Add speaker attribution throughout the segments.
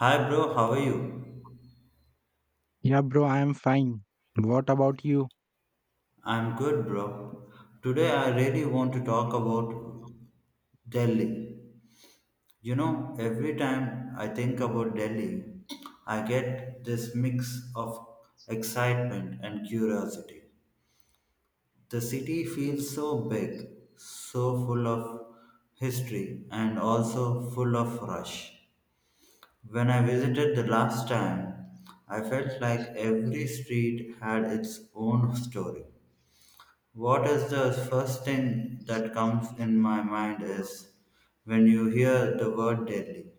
Speaker 1: Hi bro, how are you?
Speaker 2: Yeah, bro, I am fine. What about you?
Speaker 1: I'm good bro. Today I really want to talk about Delhi. You know, every time I think about Delhi, I get this mix of excitement and curiosity. The city feels so big, so full of history and also full of rush. When I visited the last time, I felt like every street had its own story. What is the first thing that comes in my mind is when you hear the word Delhi.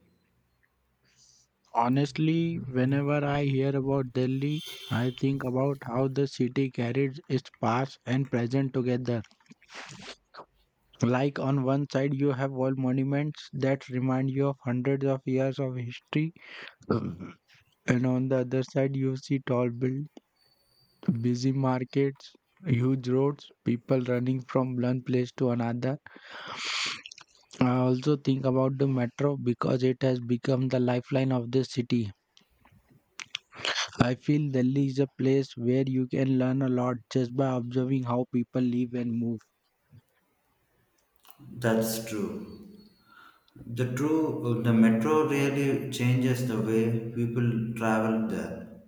Speaker 2: Honestly, whenever I hear about Delhi, I think about how the city carries its past and present together. Like on one side, you have wall monuments that remind you of hundreds of years of history. Mhm. And on the other side, you see tall buildings, busy markets, huge roads, people running from one place to another. I also think about the metro because it has become the lifeline of this city. I feel Delhi is a place where you can learn a lot just by observing how people live and move.
Speaker 1: That's true. The metro really changes the way people travel there.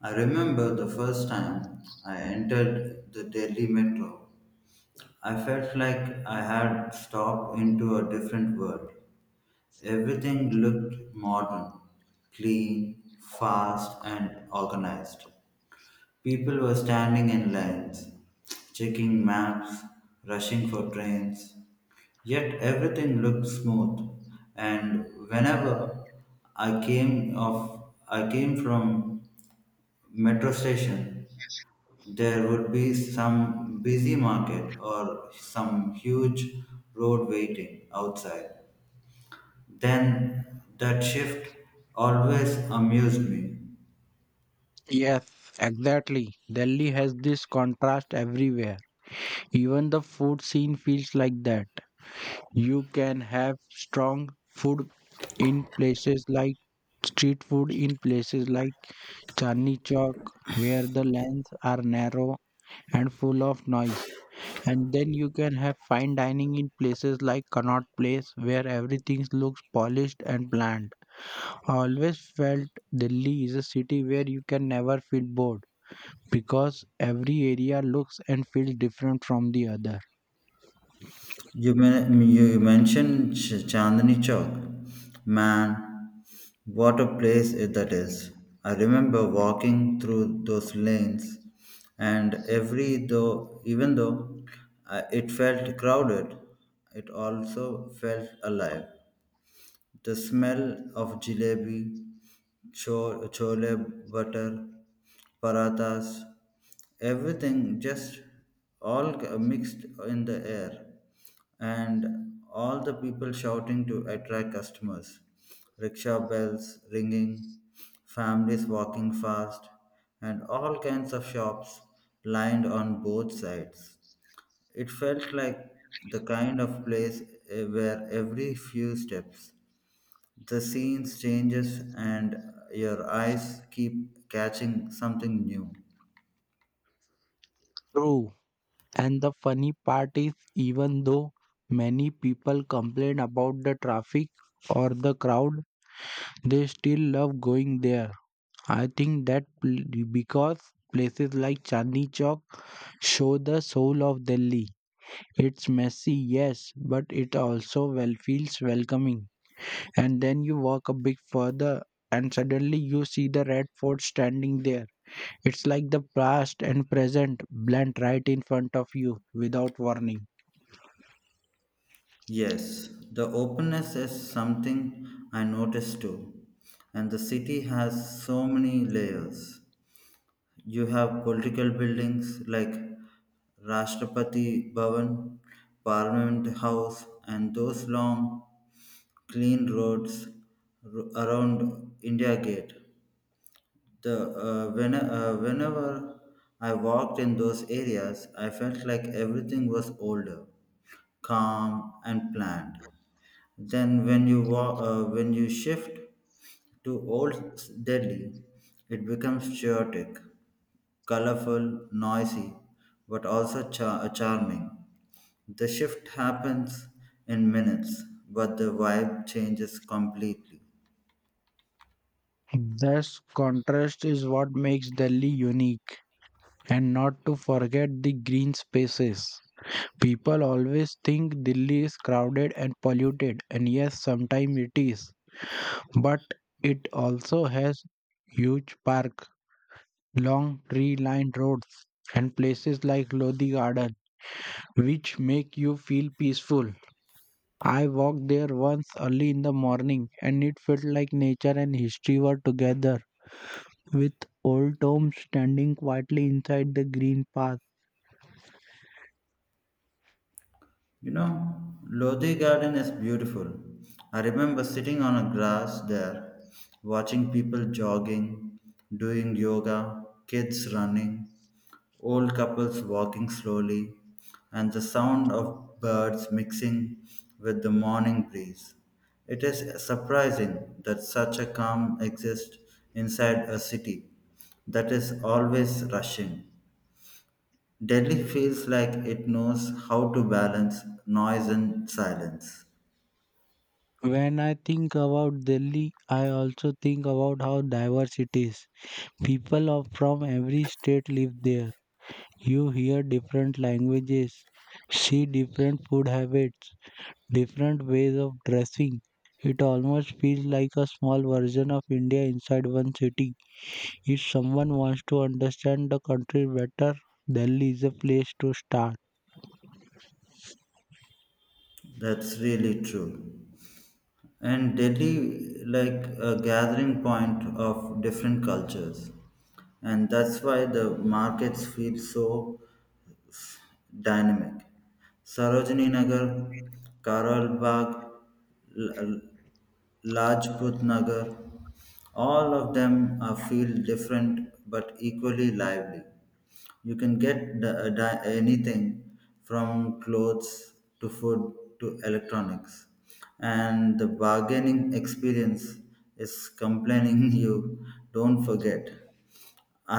Speaker 1: I remember the first time I entered the Delhi metro. I felt like I had stepped into a different world. Everything looked modern, clean, fast and organized. People were standing in lines, checking maps, rushing for trains. Yet everything looked smooth, and whenever I came from metro station, there would be some busy market or some huge road waiting outside. Then that shift always amused me.
Speaker 2: Yes, exactly. Delhi has this contrast everywhere. Even the food scene feels like that. You can have strong food in places like street food in places like Chandni Chowk where the lanes are narrow and full of noise. And then you can have fine dining in places like Connaught Place where everything looks polished and planned. Always felt Delhi is a city where you can never feel bored because every area looks and feels different from the other.
Speaker 1: You mentioned Chandni Chowk. Man, what a place that is. I remember walking through those lanes, and even though it felt crowded, it also felt alive. The smell of jalebi, chole butter, parathas, everything just mixed in the air, and all the people shouting to attract customers, rickshaw bells ringing, families walking fast, and all kinds of shops lined on both sides. It felt like the kind of place where every few steps the scenes changes and your eyes keep catching something new.
Speaker 2: True. And the funny part is, even though many people complain about the traffic or the crowd, they still love going there. I think because places like Chandni Chowk show the soul of Delhi. It's messy, yes, but it also well feels welcoming. And then you walk a bit further and suddenly you see the Red Fort standing there. It's like the past and present blend right in front of you without warning.
Speaker 1: Yes, the openness is something I noticed too. And the city has so many layers. You have political buildings like Rashtrapati Bhavan, Parliament House, and those long, clean roads around India Gate. The whenever I walked in those areas, I felt like everything was older, calm, and planned. Then when you shift to Old Delhi, it becomes chaotic, colorful, noisy, but also charming. The shift happens in minutes, but the vibe changes completely.
Speaker 2: This contrast is what makes Delhi unique, and not to forget the green spaces. People always think Delhi is crowded and polluted, and yes, sometimes it is, but it also has huge park, long tree lined roads, and places like Lodi Garden, which make you feel peaceful. I walked there once early in the morning and it felt like nature and history were together, with old tombs standing quietly inside the green path.
Speaker 1: You know, Lodi Garden is beautiful. I remember sitting on a grass there, watching people jogging, doing yoga, kids running, old couples walking slowly, and the sound of birds mixing with the morning breeze. It is surprising that such a calm exists inside a city that is always rushing. Delhi feels like it knows how to balance noise and silence.
Speaker 2: When I think about Delhi, I also think about how diverse it is. People of from every state live there. You hear different languages, see different food habits, different ways of dressing. It almost feels like a small version of India inside one city. If someone wants to understand the country better, Delhi is a place to start.
Speaker 1: That's really true. And Delhi, like a gathering point of different cultures. And that's why the markets feel so dynamic. Sarojini Nagar, Karol Bagh, L- L- Lajput Nagar, all of them feel different but equally lively. You can get anything from clothes to food to electronics, and the bargaining experience is complaining you don't forget.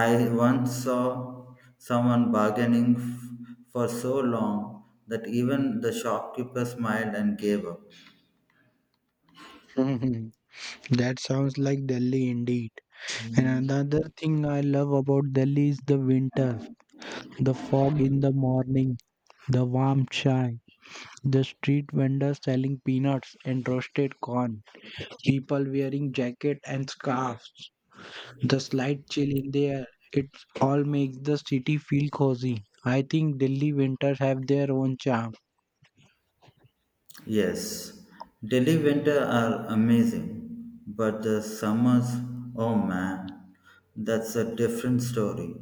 Speaker 1: I once saw someone bargaining for so long that even the shopkeeper smiled and gave up.
Speaker 2: Mhm. That sounds like Delhi indeed. And another thing I love about Delhi is the winter. The fog in the morning, the warm chai, the street vendors selling peanuts and roasted corn, people wearing jackets and scarves. The slight chill in the air, it all makes the city feel cozy. I think Delhi winters have their own charm.
Speaker 1: Yes, Delhi winter are amazing, but the summers, oh man, that's a different story.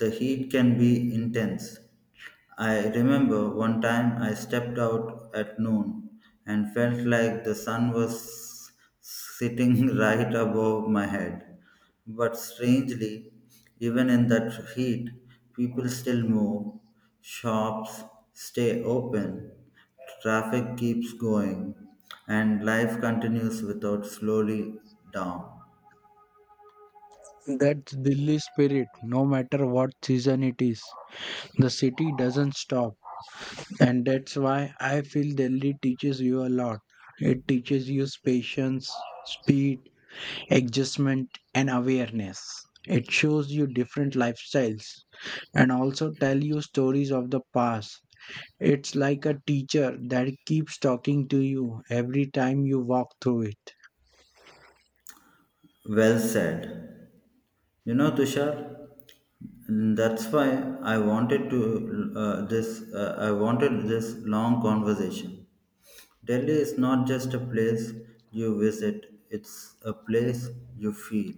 Speaker 1: The heat can be intense. I remember one time I stepped out at noon and felt like the sun was sitting right above my head. But strangely, even in that heat, people still move, shops stay open, traffic keeps going, and life continues without slowly down.
Speaker 2: That's Delhi spirit, no matter what season it is. The city doesn't stop, and that's why I feel Delhi teaches you a lot. It teaches you patience, speed, adjustment, and awareness. It shows you different lifestyles and also tell you stories of the past. It's like a teacher that keeps talking to you every time you walk through it.
Speaker 1: Well said. You know, Tushar, that's why I wanted to this. I wanted this long conversation. Delhi is not just a place you visit; it's a place you feel.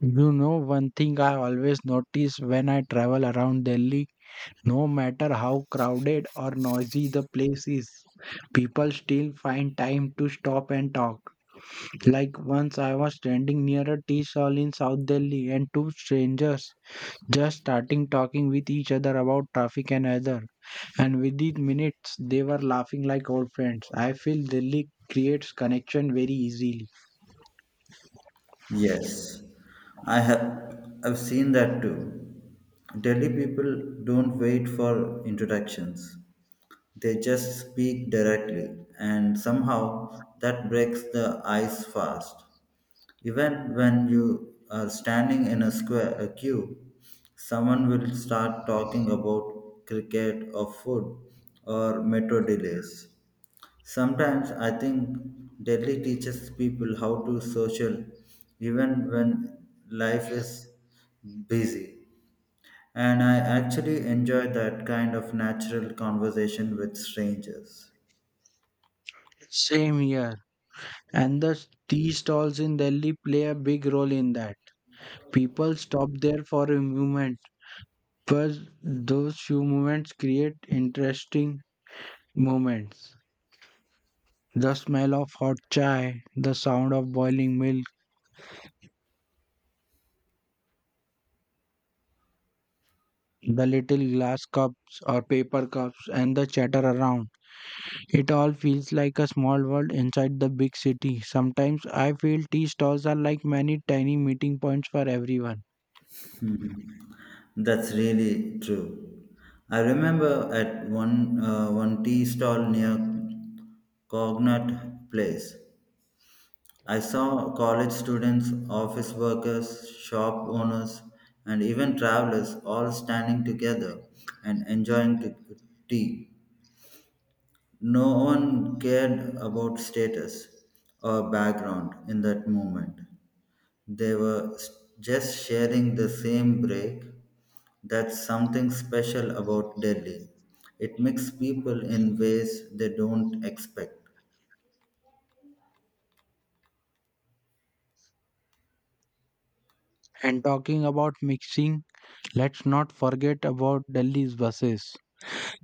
Speaker 2: You know, one thing I always notice when I travel around Delhi, no matter how crowded or noisy the place is, people still find time to stop and talk. Like once I was standing near a tea stall in South Delhi and two strangers just starting talking with each other about traffic and other. And within minutes, they were laughing like old friends. I feel Delhi creates connection very easily.
Speaker 1: Yes, I have. I've seen that too. Delhi people don't wait for introductions. They just speak directly, and somehow that breaks the ice fast. Even when you are standing in a square a queue, someone will start talking about cricket or food or metro delays. Sometimes I think Delhi teaches people how to social even when life is busy. And I actually enjoy that kind of natural conversation with strangers.
Speaker 2: Same here. And the tea stalls in Delhi play a big role in that. People stop there for a moment, but those few moments create interesting moments. The smell of hot chai, the sound of boiling milk, the little glass cups or paper cups, and the chatter around. It all feels like a small world inside the big city. Sometimes I feel tea stalls are like many tiny meeting points for everyone.
Speaker 1: Mhm. That's really true. I remember at one tea stall near Cognut Place. I saw college students, office workers, shop owners, and even travelers all standing together and enjoying tea. No one cared about status or background in that moment. They were just sharing the same break. That's something special about Delhi. It mixes people in ways they don't expect.
Speaker 2: And talking about mixing, let's not forget about Delhi's buses.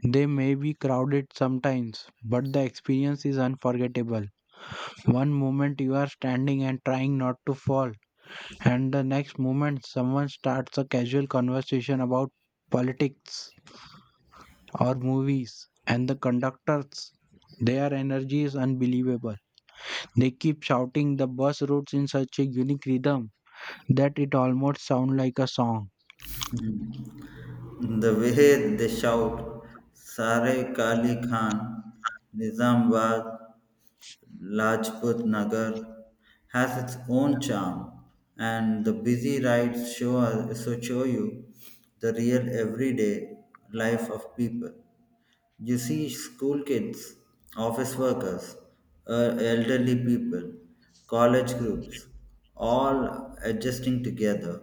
Speaker 2: They may be crowded sometimes, but the experience is unforgettable. One moment you are standing and trying not to fall, and the next moment someone starts a casual conversation about politics or movies, and the conductors, their energy is unbelievable. They keep shouting the bus routes in such a unique rhythm that it almost sounds like a song.
Speaker 1: The way they shout, Sare Kali Khan, Nizamabad, Lajput Nagar, has its own charm, and the busy rides show you the real everyday life of people. You see school kids, office workers, elderly people, college groups, all adjusting together.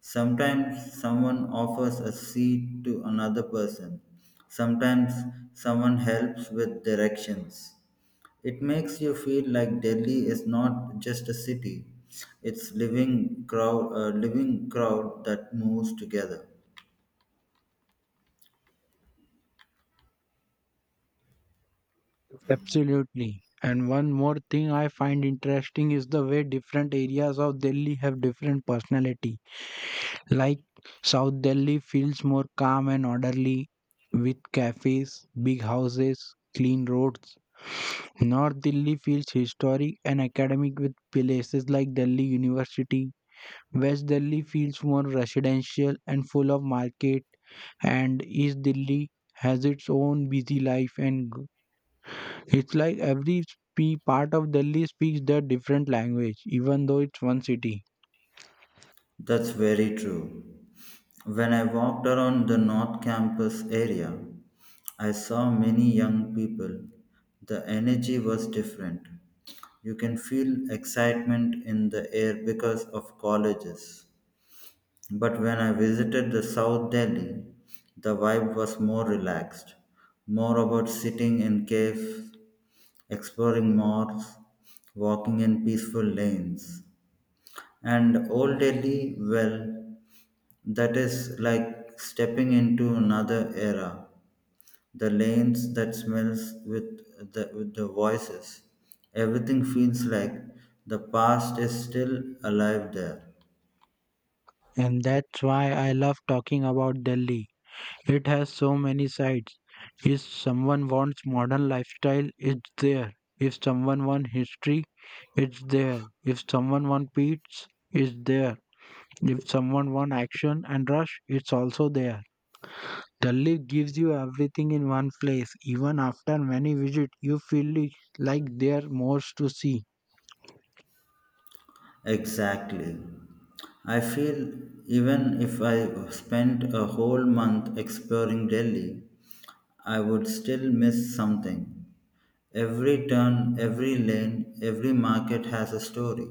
Speaker 1: Sometimes someone offers a seat to another person. Sometimes someone helps with directions. It makes you feel like Delhi is not just a city. It's a living crowd that moves together.
Speaker 2: Absolutely. And one more thing I find interesting is the way different areas of Delhi have different personality. Like South Delhi feels more calm and orderly with cafes, big houses, clean roads. North Delhi feels historic and academic with places like Delhi University. West Delhi feels more residential and full of market, and East Delhi has its own busy life. It's like every part of Delhi speaks their different language even though it's one city.
Speaker 1: That's very true. When I walked around the North Campus area, I saw many young people. The energy was different. You can feel excitement in the air because of colleges. But when I visited the South Delhi, the vibe was more relaxed, more about sitting in caves, exploring malls, walking in peaceful lanes. And Old Delhi, well, that is like stepping into another era. The lanes that smells with the voices. Everything feels like the past is still alive there.
Speaker 2: And that's why I love talking about Delhi. It has so many sides. If someone wants modern lifestyle, it's there. If someone wants history, it's there. If someone wants peace, it's there. If someone wants action and rush, it's also there. The lift gives you everything in one place. Even after many visits, you feel it like there are more to see.
Speaker 1: Exactly. I feel even if I spent a whole month exploring Delhi, I would still miss something. Every turn, every lane, every market has a story.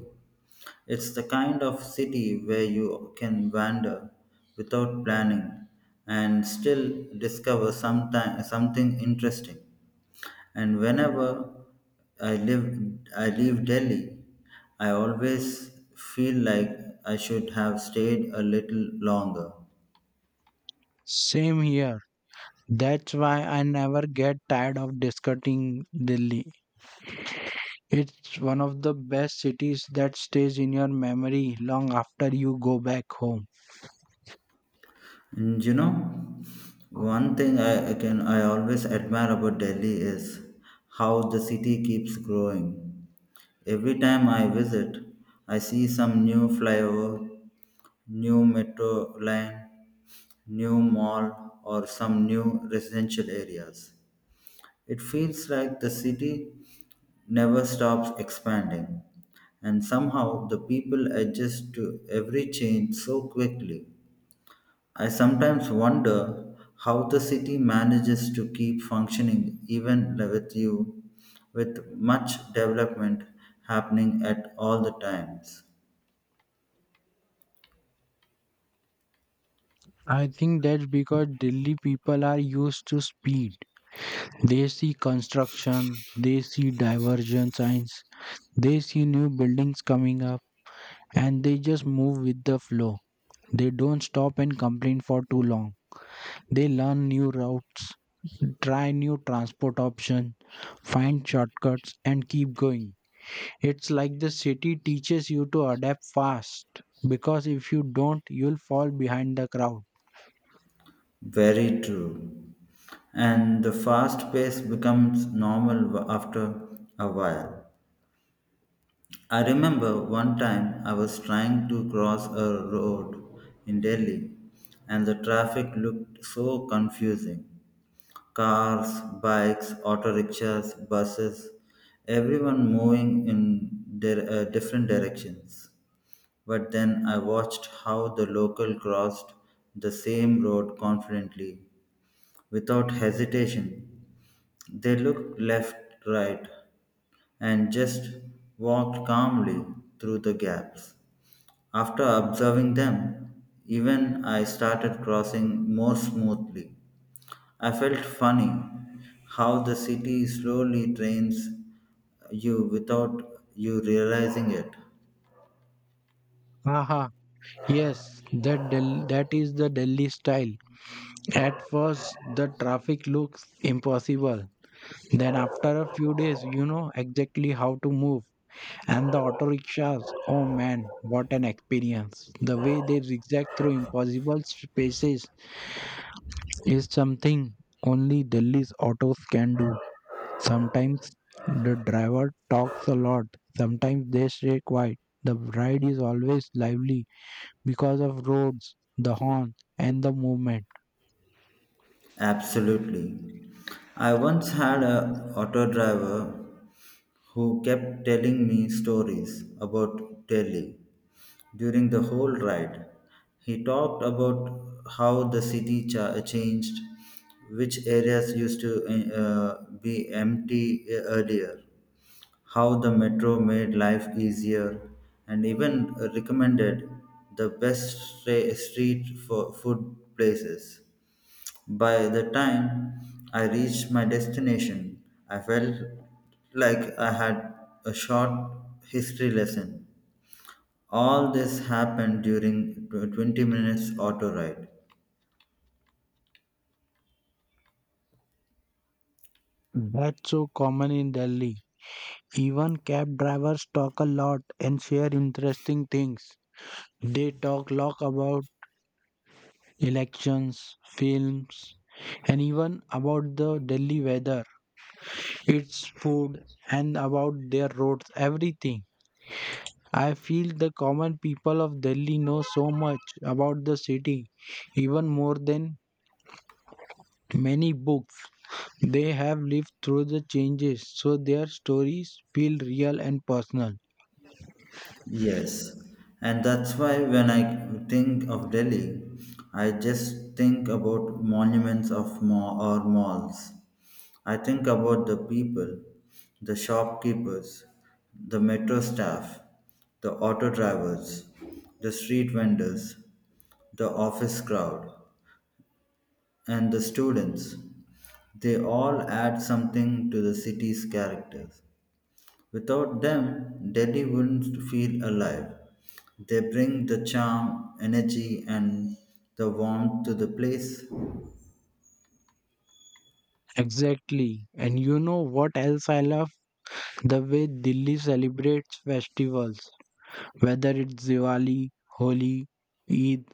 Speaker 1: It's the kind of city where you can wander without planning and still discover something interesting. And whenever I live, I leave Delhi, I always feel like I should have stayed a little longer.
Speaker 2: Same here. That's why I never get tired of discussing Delhi. It's one of the best cities that stays in your memory long after you go back home.
Speaker 1: And you know, one thing I always admire about Delhi is how the city keeps growing. Every time I visit, I see some new flyover, new metro line, new mall, or some new residential areas. It feels like the city never stops expanding, and somehow the people adjust to every change so quickly. I sometimes wonder how the city manages to keep functioning even with much development happening at all the times.
Speaker 2: I think that's because Delhi people are used to speed. They see construction, they see diversion signs, they see new buildings coming up, and they just move with the flow. They don't stop and complain for too long. They learn new routes, try new transport options, find shortcuts, and keep going. It's like the city teaches you to adapt fast because if you don't, you'll fall behind the crowd.
Speaker 1: Very true. And the fast pace becomes normal after a while. I remember one time I was trying to cross a road in Delhi and the traffic looked so confusing. Cars, bikes, auto rickshaws, buses, everyone moving in different directions. But then I watched how the local crossed the same road confidently without hesitation. They looked left, right, and just walked calmly through the gaps. After observing them, even I started crossing more smoothly. I felt funny how the city slowly trains you without you realizing it.
Speaker 2: Haha, yes, that is the Delhi style. At first, the traffic looks impossible. Then after a few days, you know exactly how to move. And the auto rickshaws, oh man, what an experience! The way they zigzag through impossible spaces is something only Delhi's autos can do. Sometimes the driver talks a lot, sometimes they stay quiet. The ride is always lively because of roads, the horn, and the movement.
Speaker 1: Absolutely. I once had a auto driver who kept telling me stories about Delhi. During the whole ride, he talked about how the city changed, which areas used to be empty earlier, how the metro made life easier and even recommended the best street for food places. By the time I reached my destination, I felt like I had a short history lesson. All this happened during 20 minutes auto ride.
Speaker 2: That's so common in Delhi. Even cab drivers talk a lot and share interesting things. They talk lot about elections, films, and even about the Delhi weather, its food, and about their roads, everything. I feel the common people of Delhi know so much about the city, even more than many books. They have lived through the changes, so their stories feel real and personal.
Speaker 1: Yes, and that's why when I think of Delhi, I just think about monuments of or malls. I think about the people, the shopkeepers, the metro staff, the auto drivers, the street vendors, the office crowd, and the students. They all add something to the city's character. Without them, Delhi wouldn't feel alive. They bring the charm, energy, and the warmth to the place.
Speaker 2: Exactly. And you know what else I love? The way Delhi celebrates festivals, whether it's Diwali, Holi, Eid,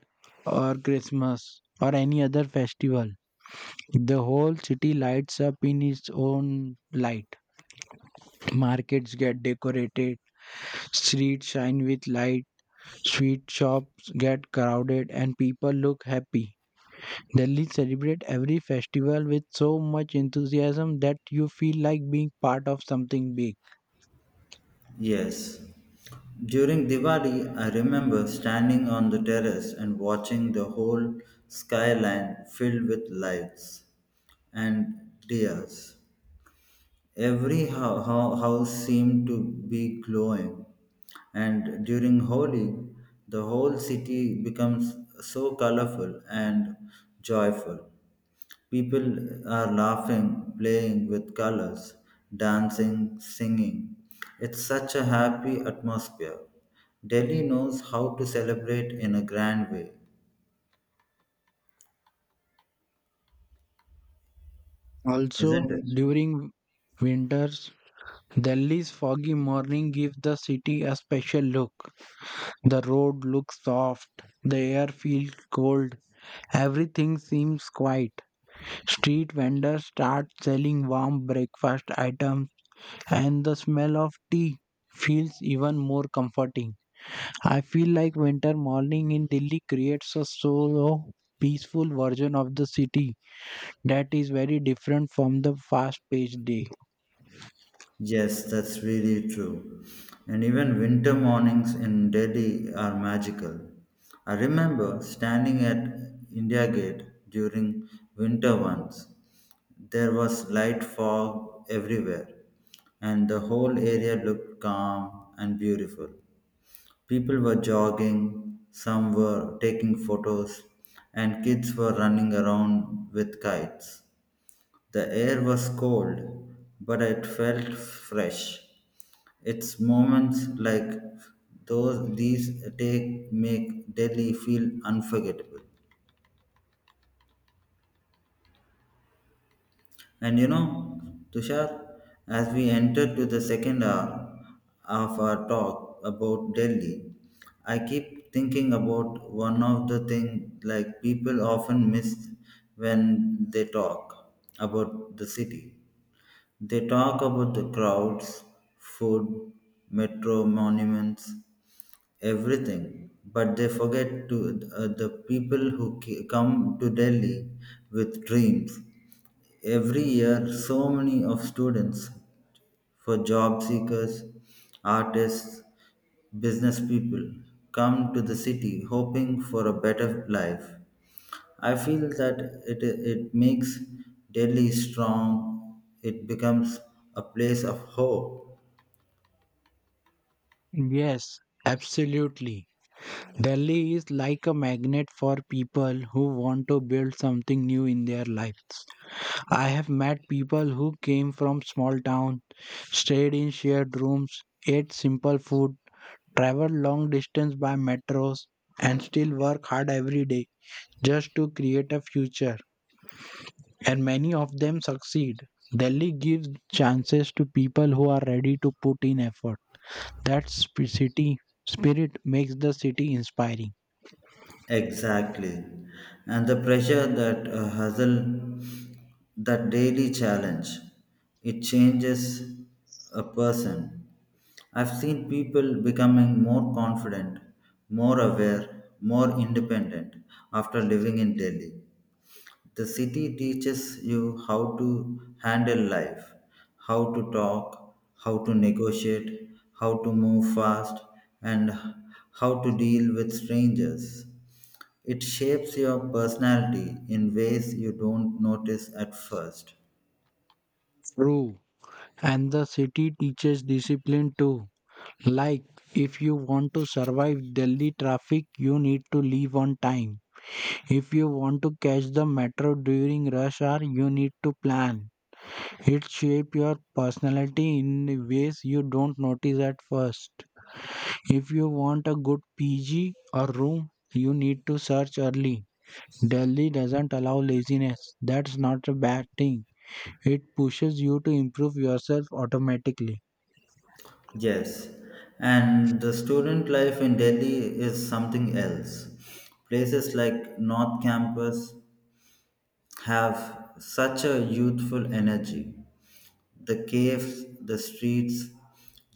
Speaker 2: or Christmas, or any other festival. The whole city lights up in its own light. Markets get decorated, streets shine with light, sweet shops get crowded, and people look happy. Delhi celebrate every festival with so much enthusiasm that you feel like being part of something big.
Speaker 1: Yes. During Diwali, I remember standing on the terrace and watching the whole skyline filled with lights and diyas. Every house seemed to be glowing, and during Holi, the whole city becomes so colorful and joyful. People are laughing, playing with colors, dancing, singing. It's such a happy atmosphere. Delhi knows how to celebrate in a grand way,
Speaker 2: Also,
Speaker 1: isn't it?
Speaker 2: during winters, Delhi's foggy morning gives the city a special look. The road looks soft, the air feels cold, everything seems quiet. Street vendors start selling warm breakfast items and the smell of tea feels even more comforting. I feel like winter morning in Delhi creates a slow, peaceful version of the city that is very different from the fast-paced day.
Speaker 1: Yes, that's really true. And even winter mornings in Delhi are magical. I remember standing at India Gate during winter once. There was light fog everywhere, and the whole area looked calm and beautiful. People were jogging, some were taking photos, and kids were running around with kites. The air was cold, but it felt fresh. It's moments like those these take make Delhi feel unforgettable. And you know, Tushar, as we enter to the second hour of our talk about Delhi, I keep thinking about one of the things like people often miss when they talk about the city. They talk about the crowds, food, metro monuments, everything but they forget to the people who come to Delhi with dreams every year, so many of students for job seekers, artists, business people come to the city hoping for a better life. I feel that it makes Delhi strong. It becomes a place of hope.
Speaker 2: Yes, absolutely. Delhi is like a magnet for people who want to build something new in their lives. I have met people who came from small towns, stayed in shared rooms, ate simple food, travel long distance by metros, and still work hard every day just to create a future. And many of them succeed. Delhi gives chances to people who are ready to put in effort. That city spirit makes the city inspiring.
Speaker 1: Exactly. And the pressure that hustle, that daily challenge, it changes a person. I've seen people becoming more confident, more aware, more independent after living in Delhi. The city teaches you how to handle life, how to talk, how to negotiate, how to move fast, and how to deal with strangers. It shapes your personality in ways you don't notice at first.
Speaker 2: True. And the city teaches discipline too. Like, if you want to survive Delhi traffic, you need to leave on time. If you want to catch the metro during rush hour, you need to plan. It shape your personality in ways you don't notice at first. If you want a good PG or room, you need to search early. Delhi doesn't allow laziness. That's not a bad thing. It pushes you to improve yourself automatically.
Speaker 1: Yes, and the student life in Delhi is something else. Places like North Campus have such a youthful energy. The caves, the streets,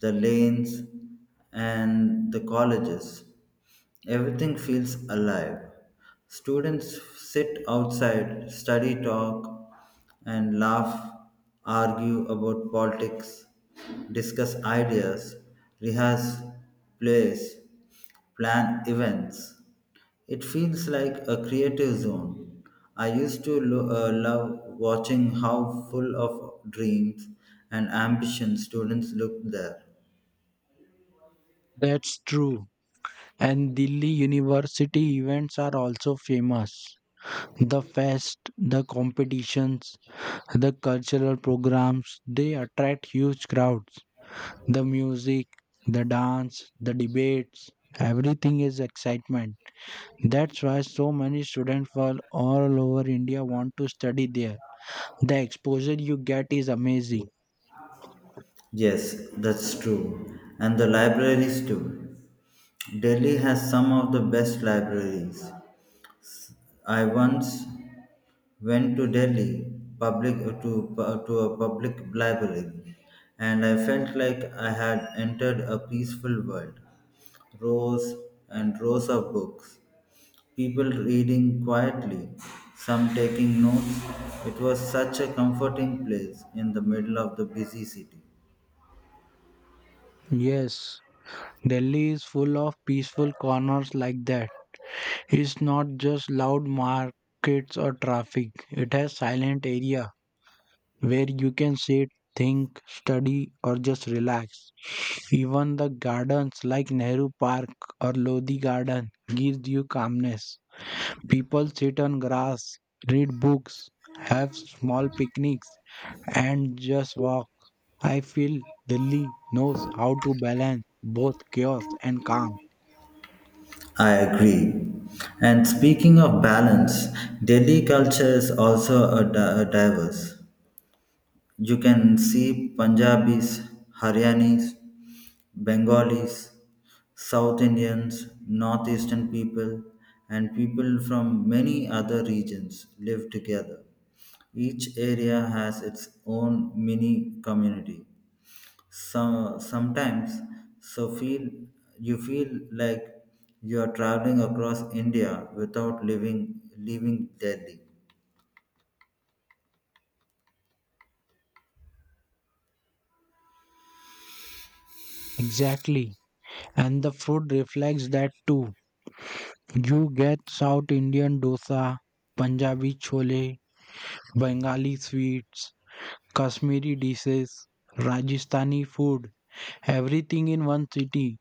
Speaker 1: the lanes, and the colleges. Everything feels alive. Students sit outside, study, talk, and laugh, argue about politics, discuss ideas, rehearse plays, plan events. It feels like a creative zone. I used to love watching how full of dreams and ambition students look there.
Speaker 2: That's true. And Delhi University events are also famous. The fest, the competitions, the cultural programs, they attract huge crowds. The music, the dance, the debates, everything is excitement. That's why so many students from all over India want to study there. The exposure you get is amazing.
Speaker 1: Yes, that's true. And the libraries too. Delhi has some of the best libraries. I once went to Delhi public to a public library and I felt like I had entered a peaceful world, rows and rows of books, people reading quietly, some taking notes. It was such a comforting place in the middle of the busy city.
Speaker 2: Yes, Delhi is full of peaceful corners like that. It's not just loud markets or traffic, it has silent area where you can sit, think, study, or just relax. Even the gardens like Nehru Park or Lodi Garden gives you calmness. People sit on grass, read books, have small picnics, and just walk. I feel Delhi knows how to balance both chaos and calm.
Speaker 1: I agree. And speaking of balance, Delhi culture is also a diverse. You can see Punjabis, Haryanis, Bengalis, South Indians, Northeastern people, and people from many other regions live together. Each area has its own mini community. Some, sometimes so feel you feel like you are traveling across India without leaving Delhi.
Speaker 2: Exactly. And the food reflects that too. You get South Indian dosa, Punjabi chole, Bengali sweets, Kashmiri dishes, Rajasthani food, everything in one city.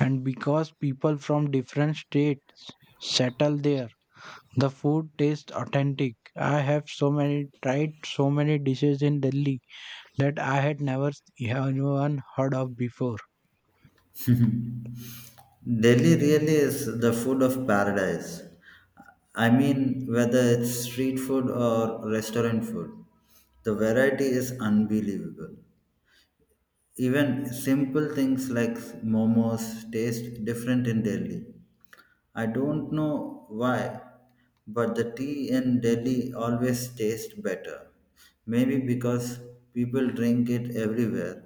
Speaker 2: And because people from different states settle there, the food tastes authentic. I have so many tried so many dishes in Delhi that I had never even heard of before.
Speaker 1: Delhi really is the food of paradise. I mean, whether it's street food or restaurant food, the variety is unbelievable. Even simple things like momos taste different in Delhi. I don't know why, but the tea in Delhi always tastes better. Maybe because people drink it everywhere,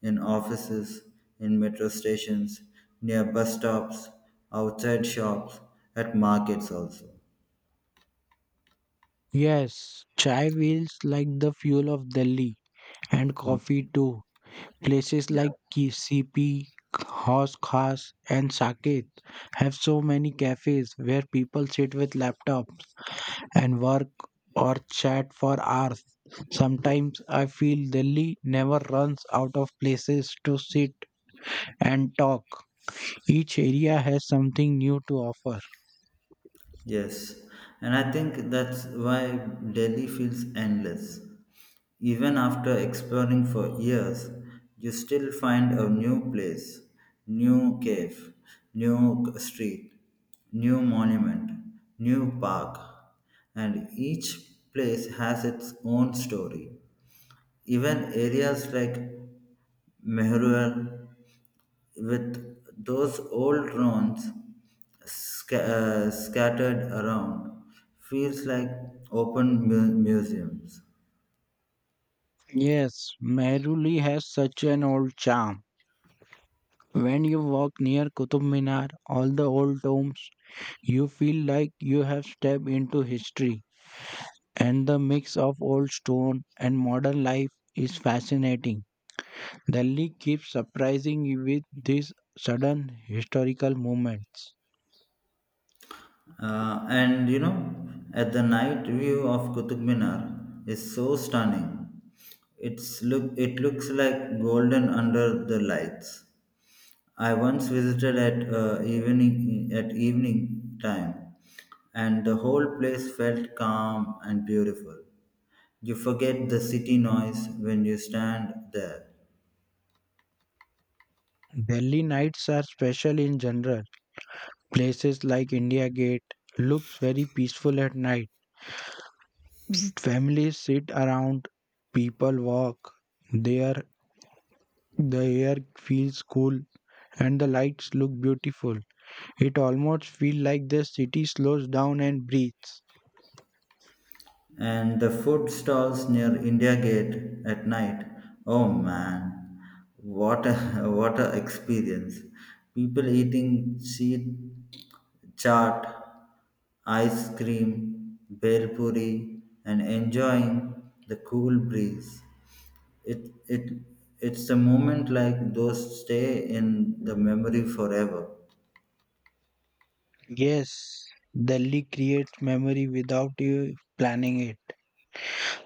Speaker 1: in offices, in metro stations, near bus stops, outside shops, at markets also.
Speaker 2: Yes, chai feels like the fuel of Delhi and coffee too. Places
Speaker 1: Yeah.
Speaker 2: like KCP, Haus Khas, and Saket have so many cafes where people sit with laptops and work or chat for hours. Sometimes I feel Delhi never runs out of places to sit and talk. Each area has something new to offer.
Speaker 1: Yes, and I think that's why Delhi feels endless. Even after exploring for years, you still find a new place, new cave, street, new monument, new park, and each place has its own story. Even areas like Mehruar, with those old ruins sca- scattered around, feels like open museums.
Speaker 2: Yes, Mehrauli has such an old charm. When you walk near Qutub Minar, all the old tombs, you feel like you have stepped into history. And the mix of old stone and modern life is fascinating. Delhi keeps surprising you with these sudden historical movements.
Speaker 1: And you know, at the night view of Qutub Minar is so stunning. It looks like golden under the lights. I once visited at evening time, and the whole place felt calm and beautiful. You forget the city noise when you stand there.
Speaker 2: Delhi nights are special in general. Places like India Gate looks very peaceful at night. Families sit around, people walk. There the air feels cool and the lights look beautiful. It almost feels like the city slows down and breathes.
Speaker 1: And the food stalls near India Gate at night. Oh man, what a what a experience! People eating cheat chaat, ice cream, bhel puri, and enjoying the cool breeze. It it it's a moment like those stay in the memory forever.
Speaker 2: Yes, Delhi creates memory without you planning it.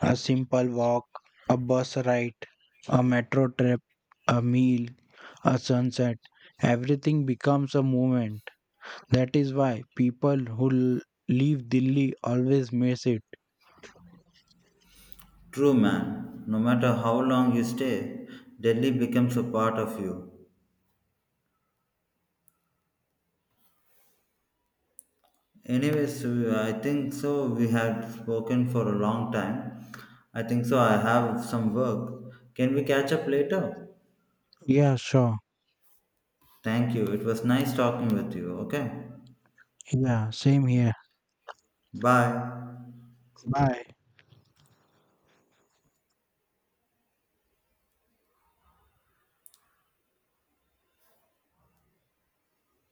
Speaker 2: A simple walk, a bus ride, a metro trip, a meal, a sunset. Everything becomes a moment. That is why people who l- leave Delhi always miss it.
Speaker 1: True man, no matter how long you stay, Delhi becomes a part of you. Anyways, so I think so. We had spoken for a long time. I think so. I have some work. Can we catch up later?
Speaker 2: Yeah, sure.
Speaker 1: Thank you. It was nice talking with you. Okay.
Speaker 2: Yeah, same here.
Speaker 1: Bye.
Speaker 2: Bye.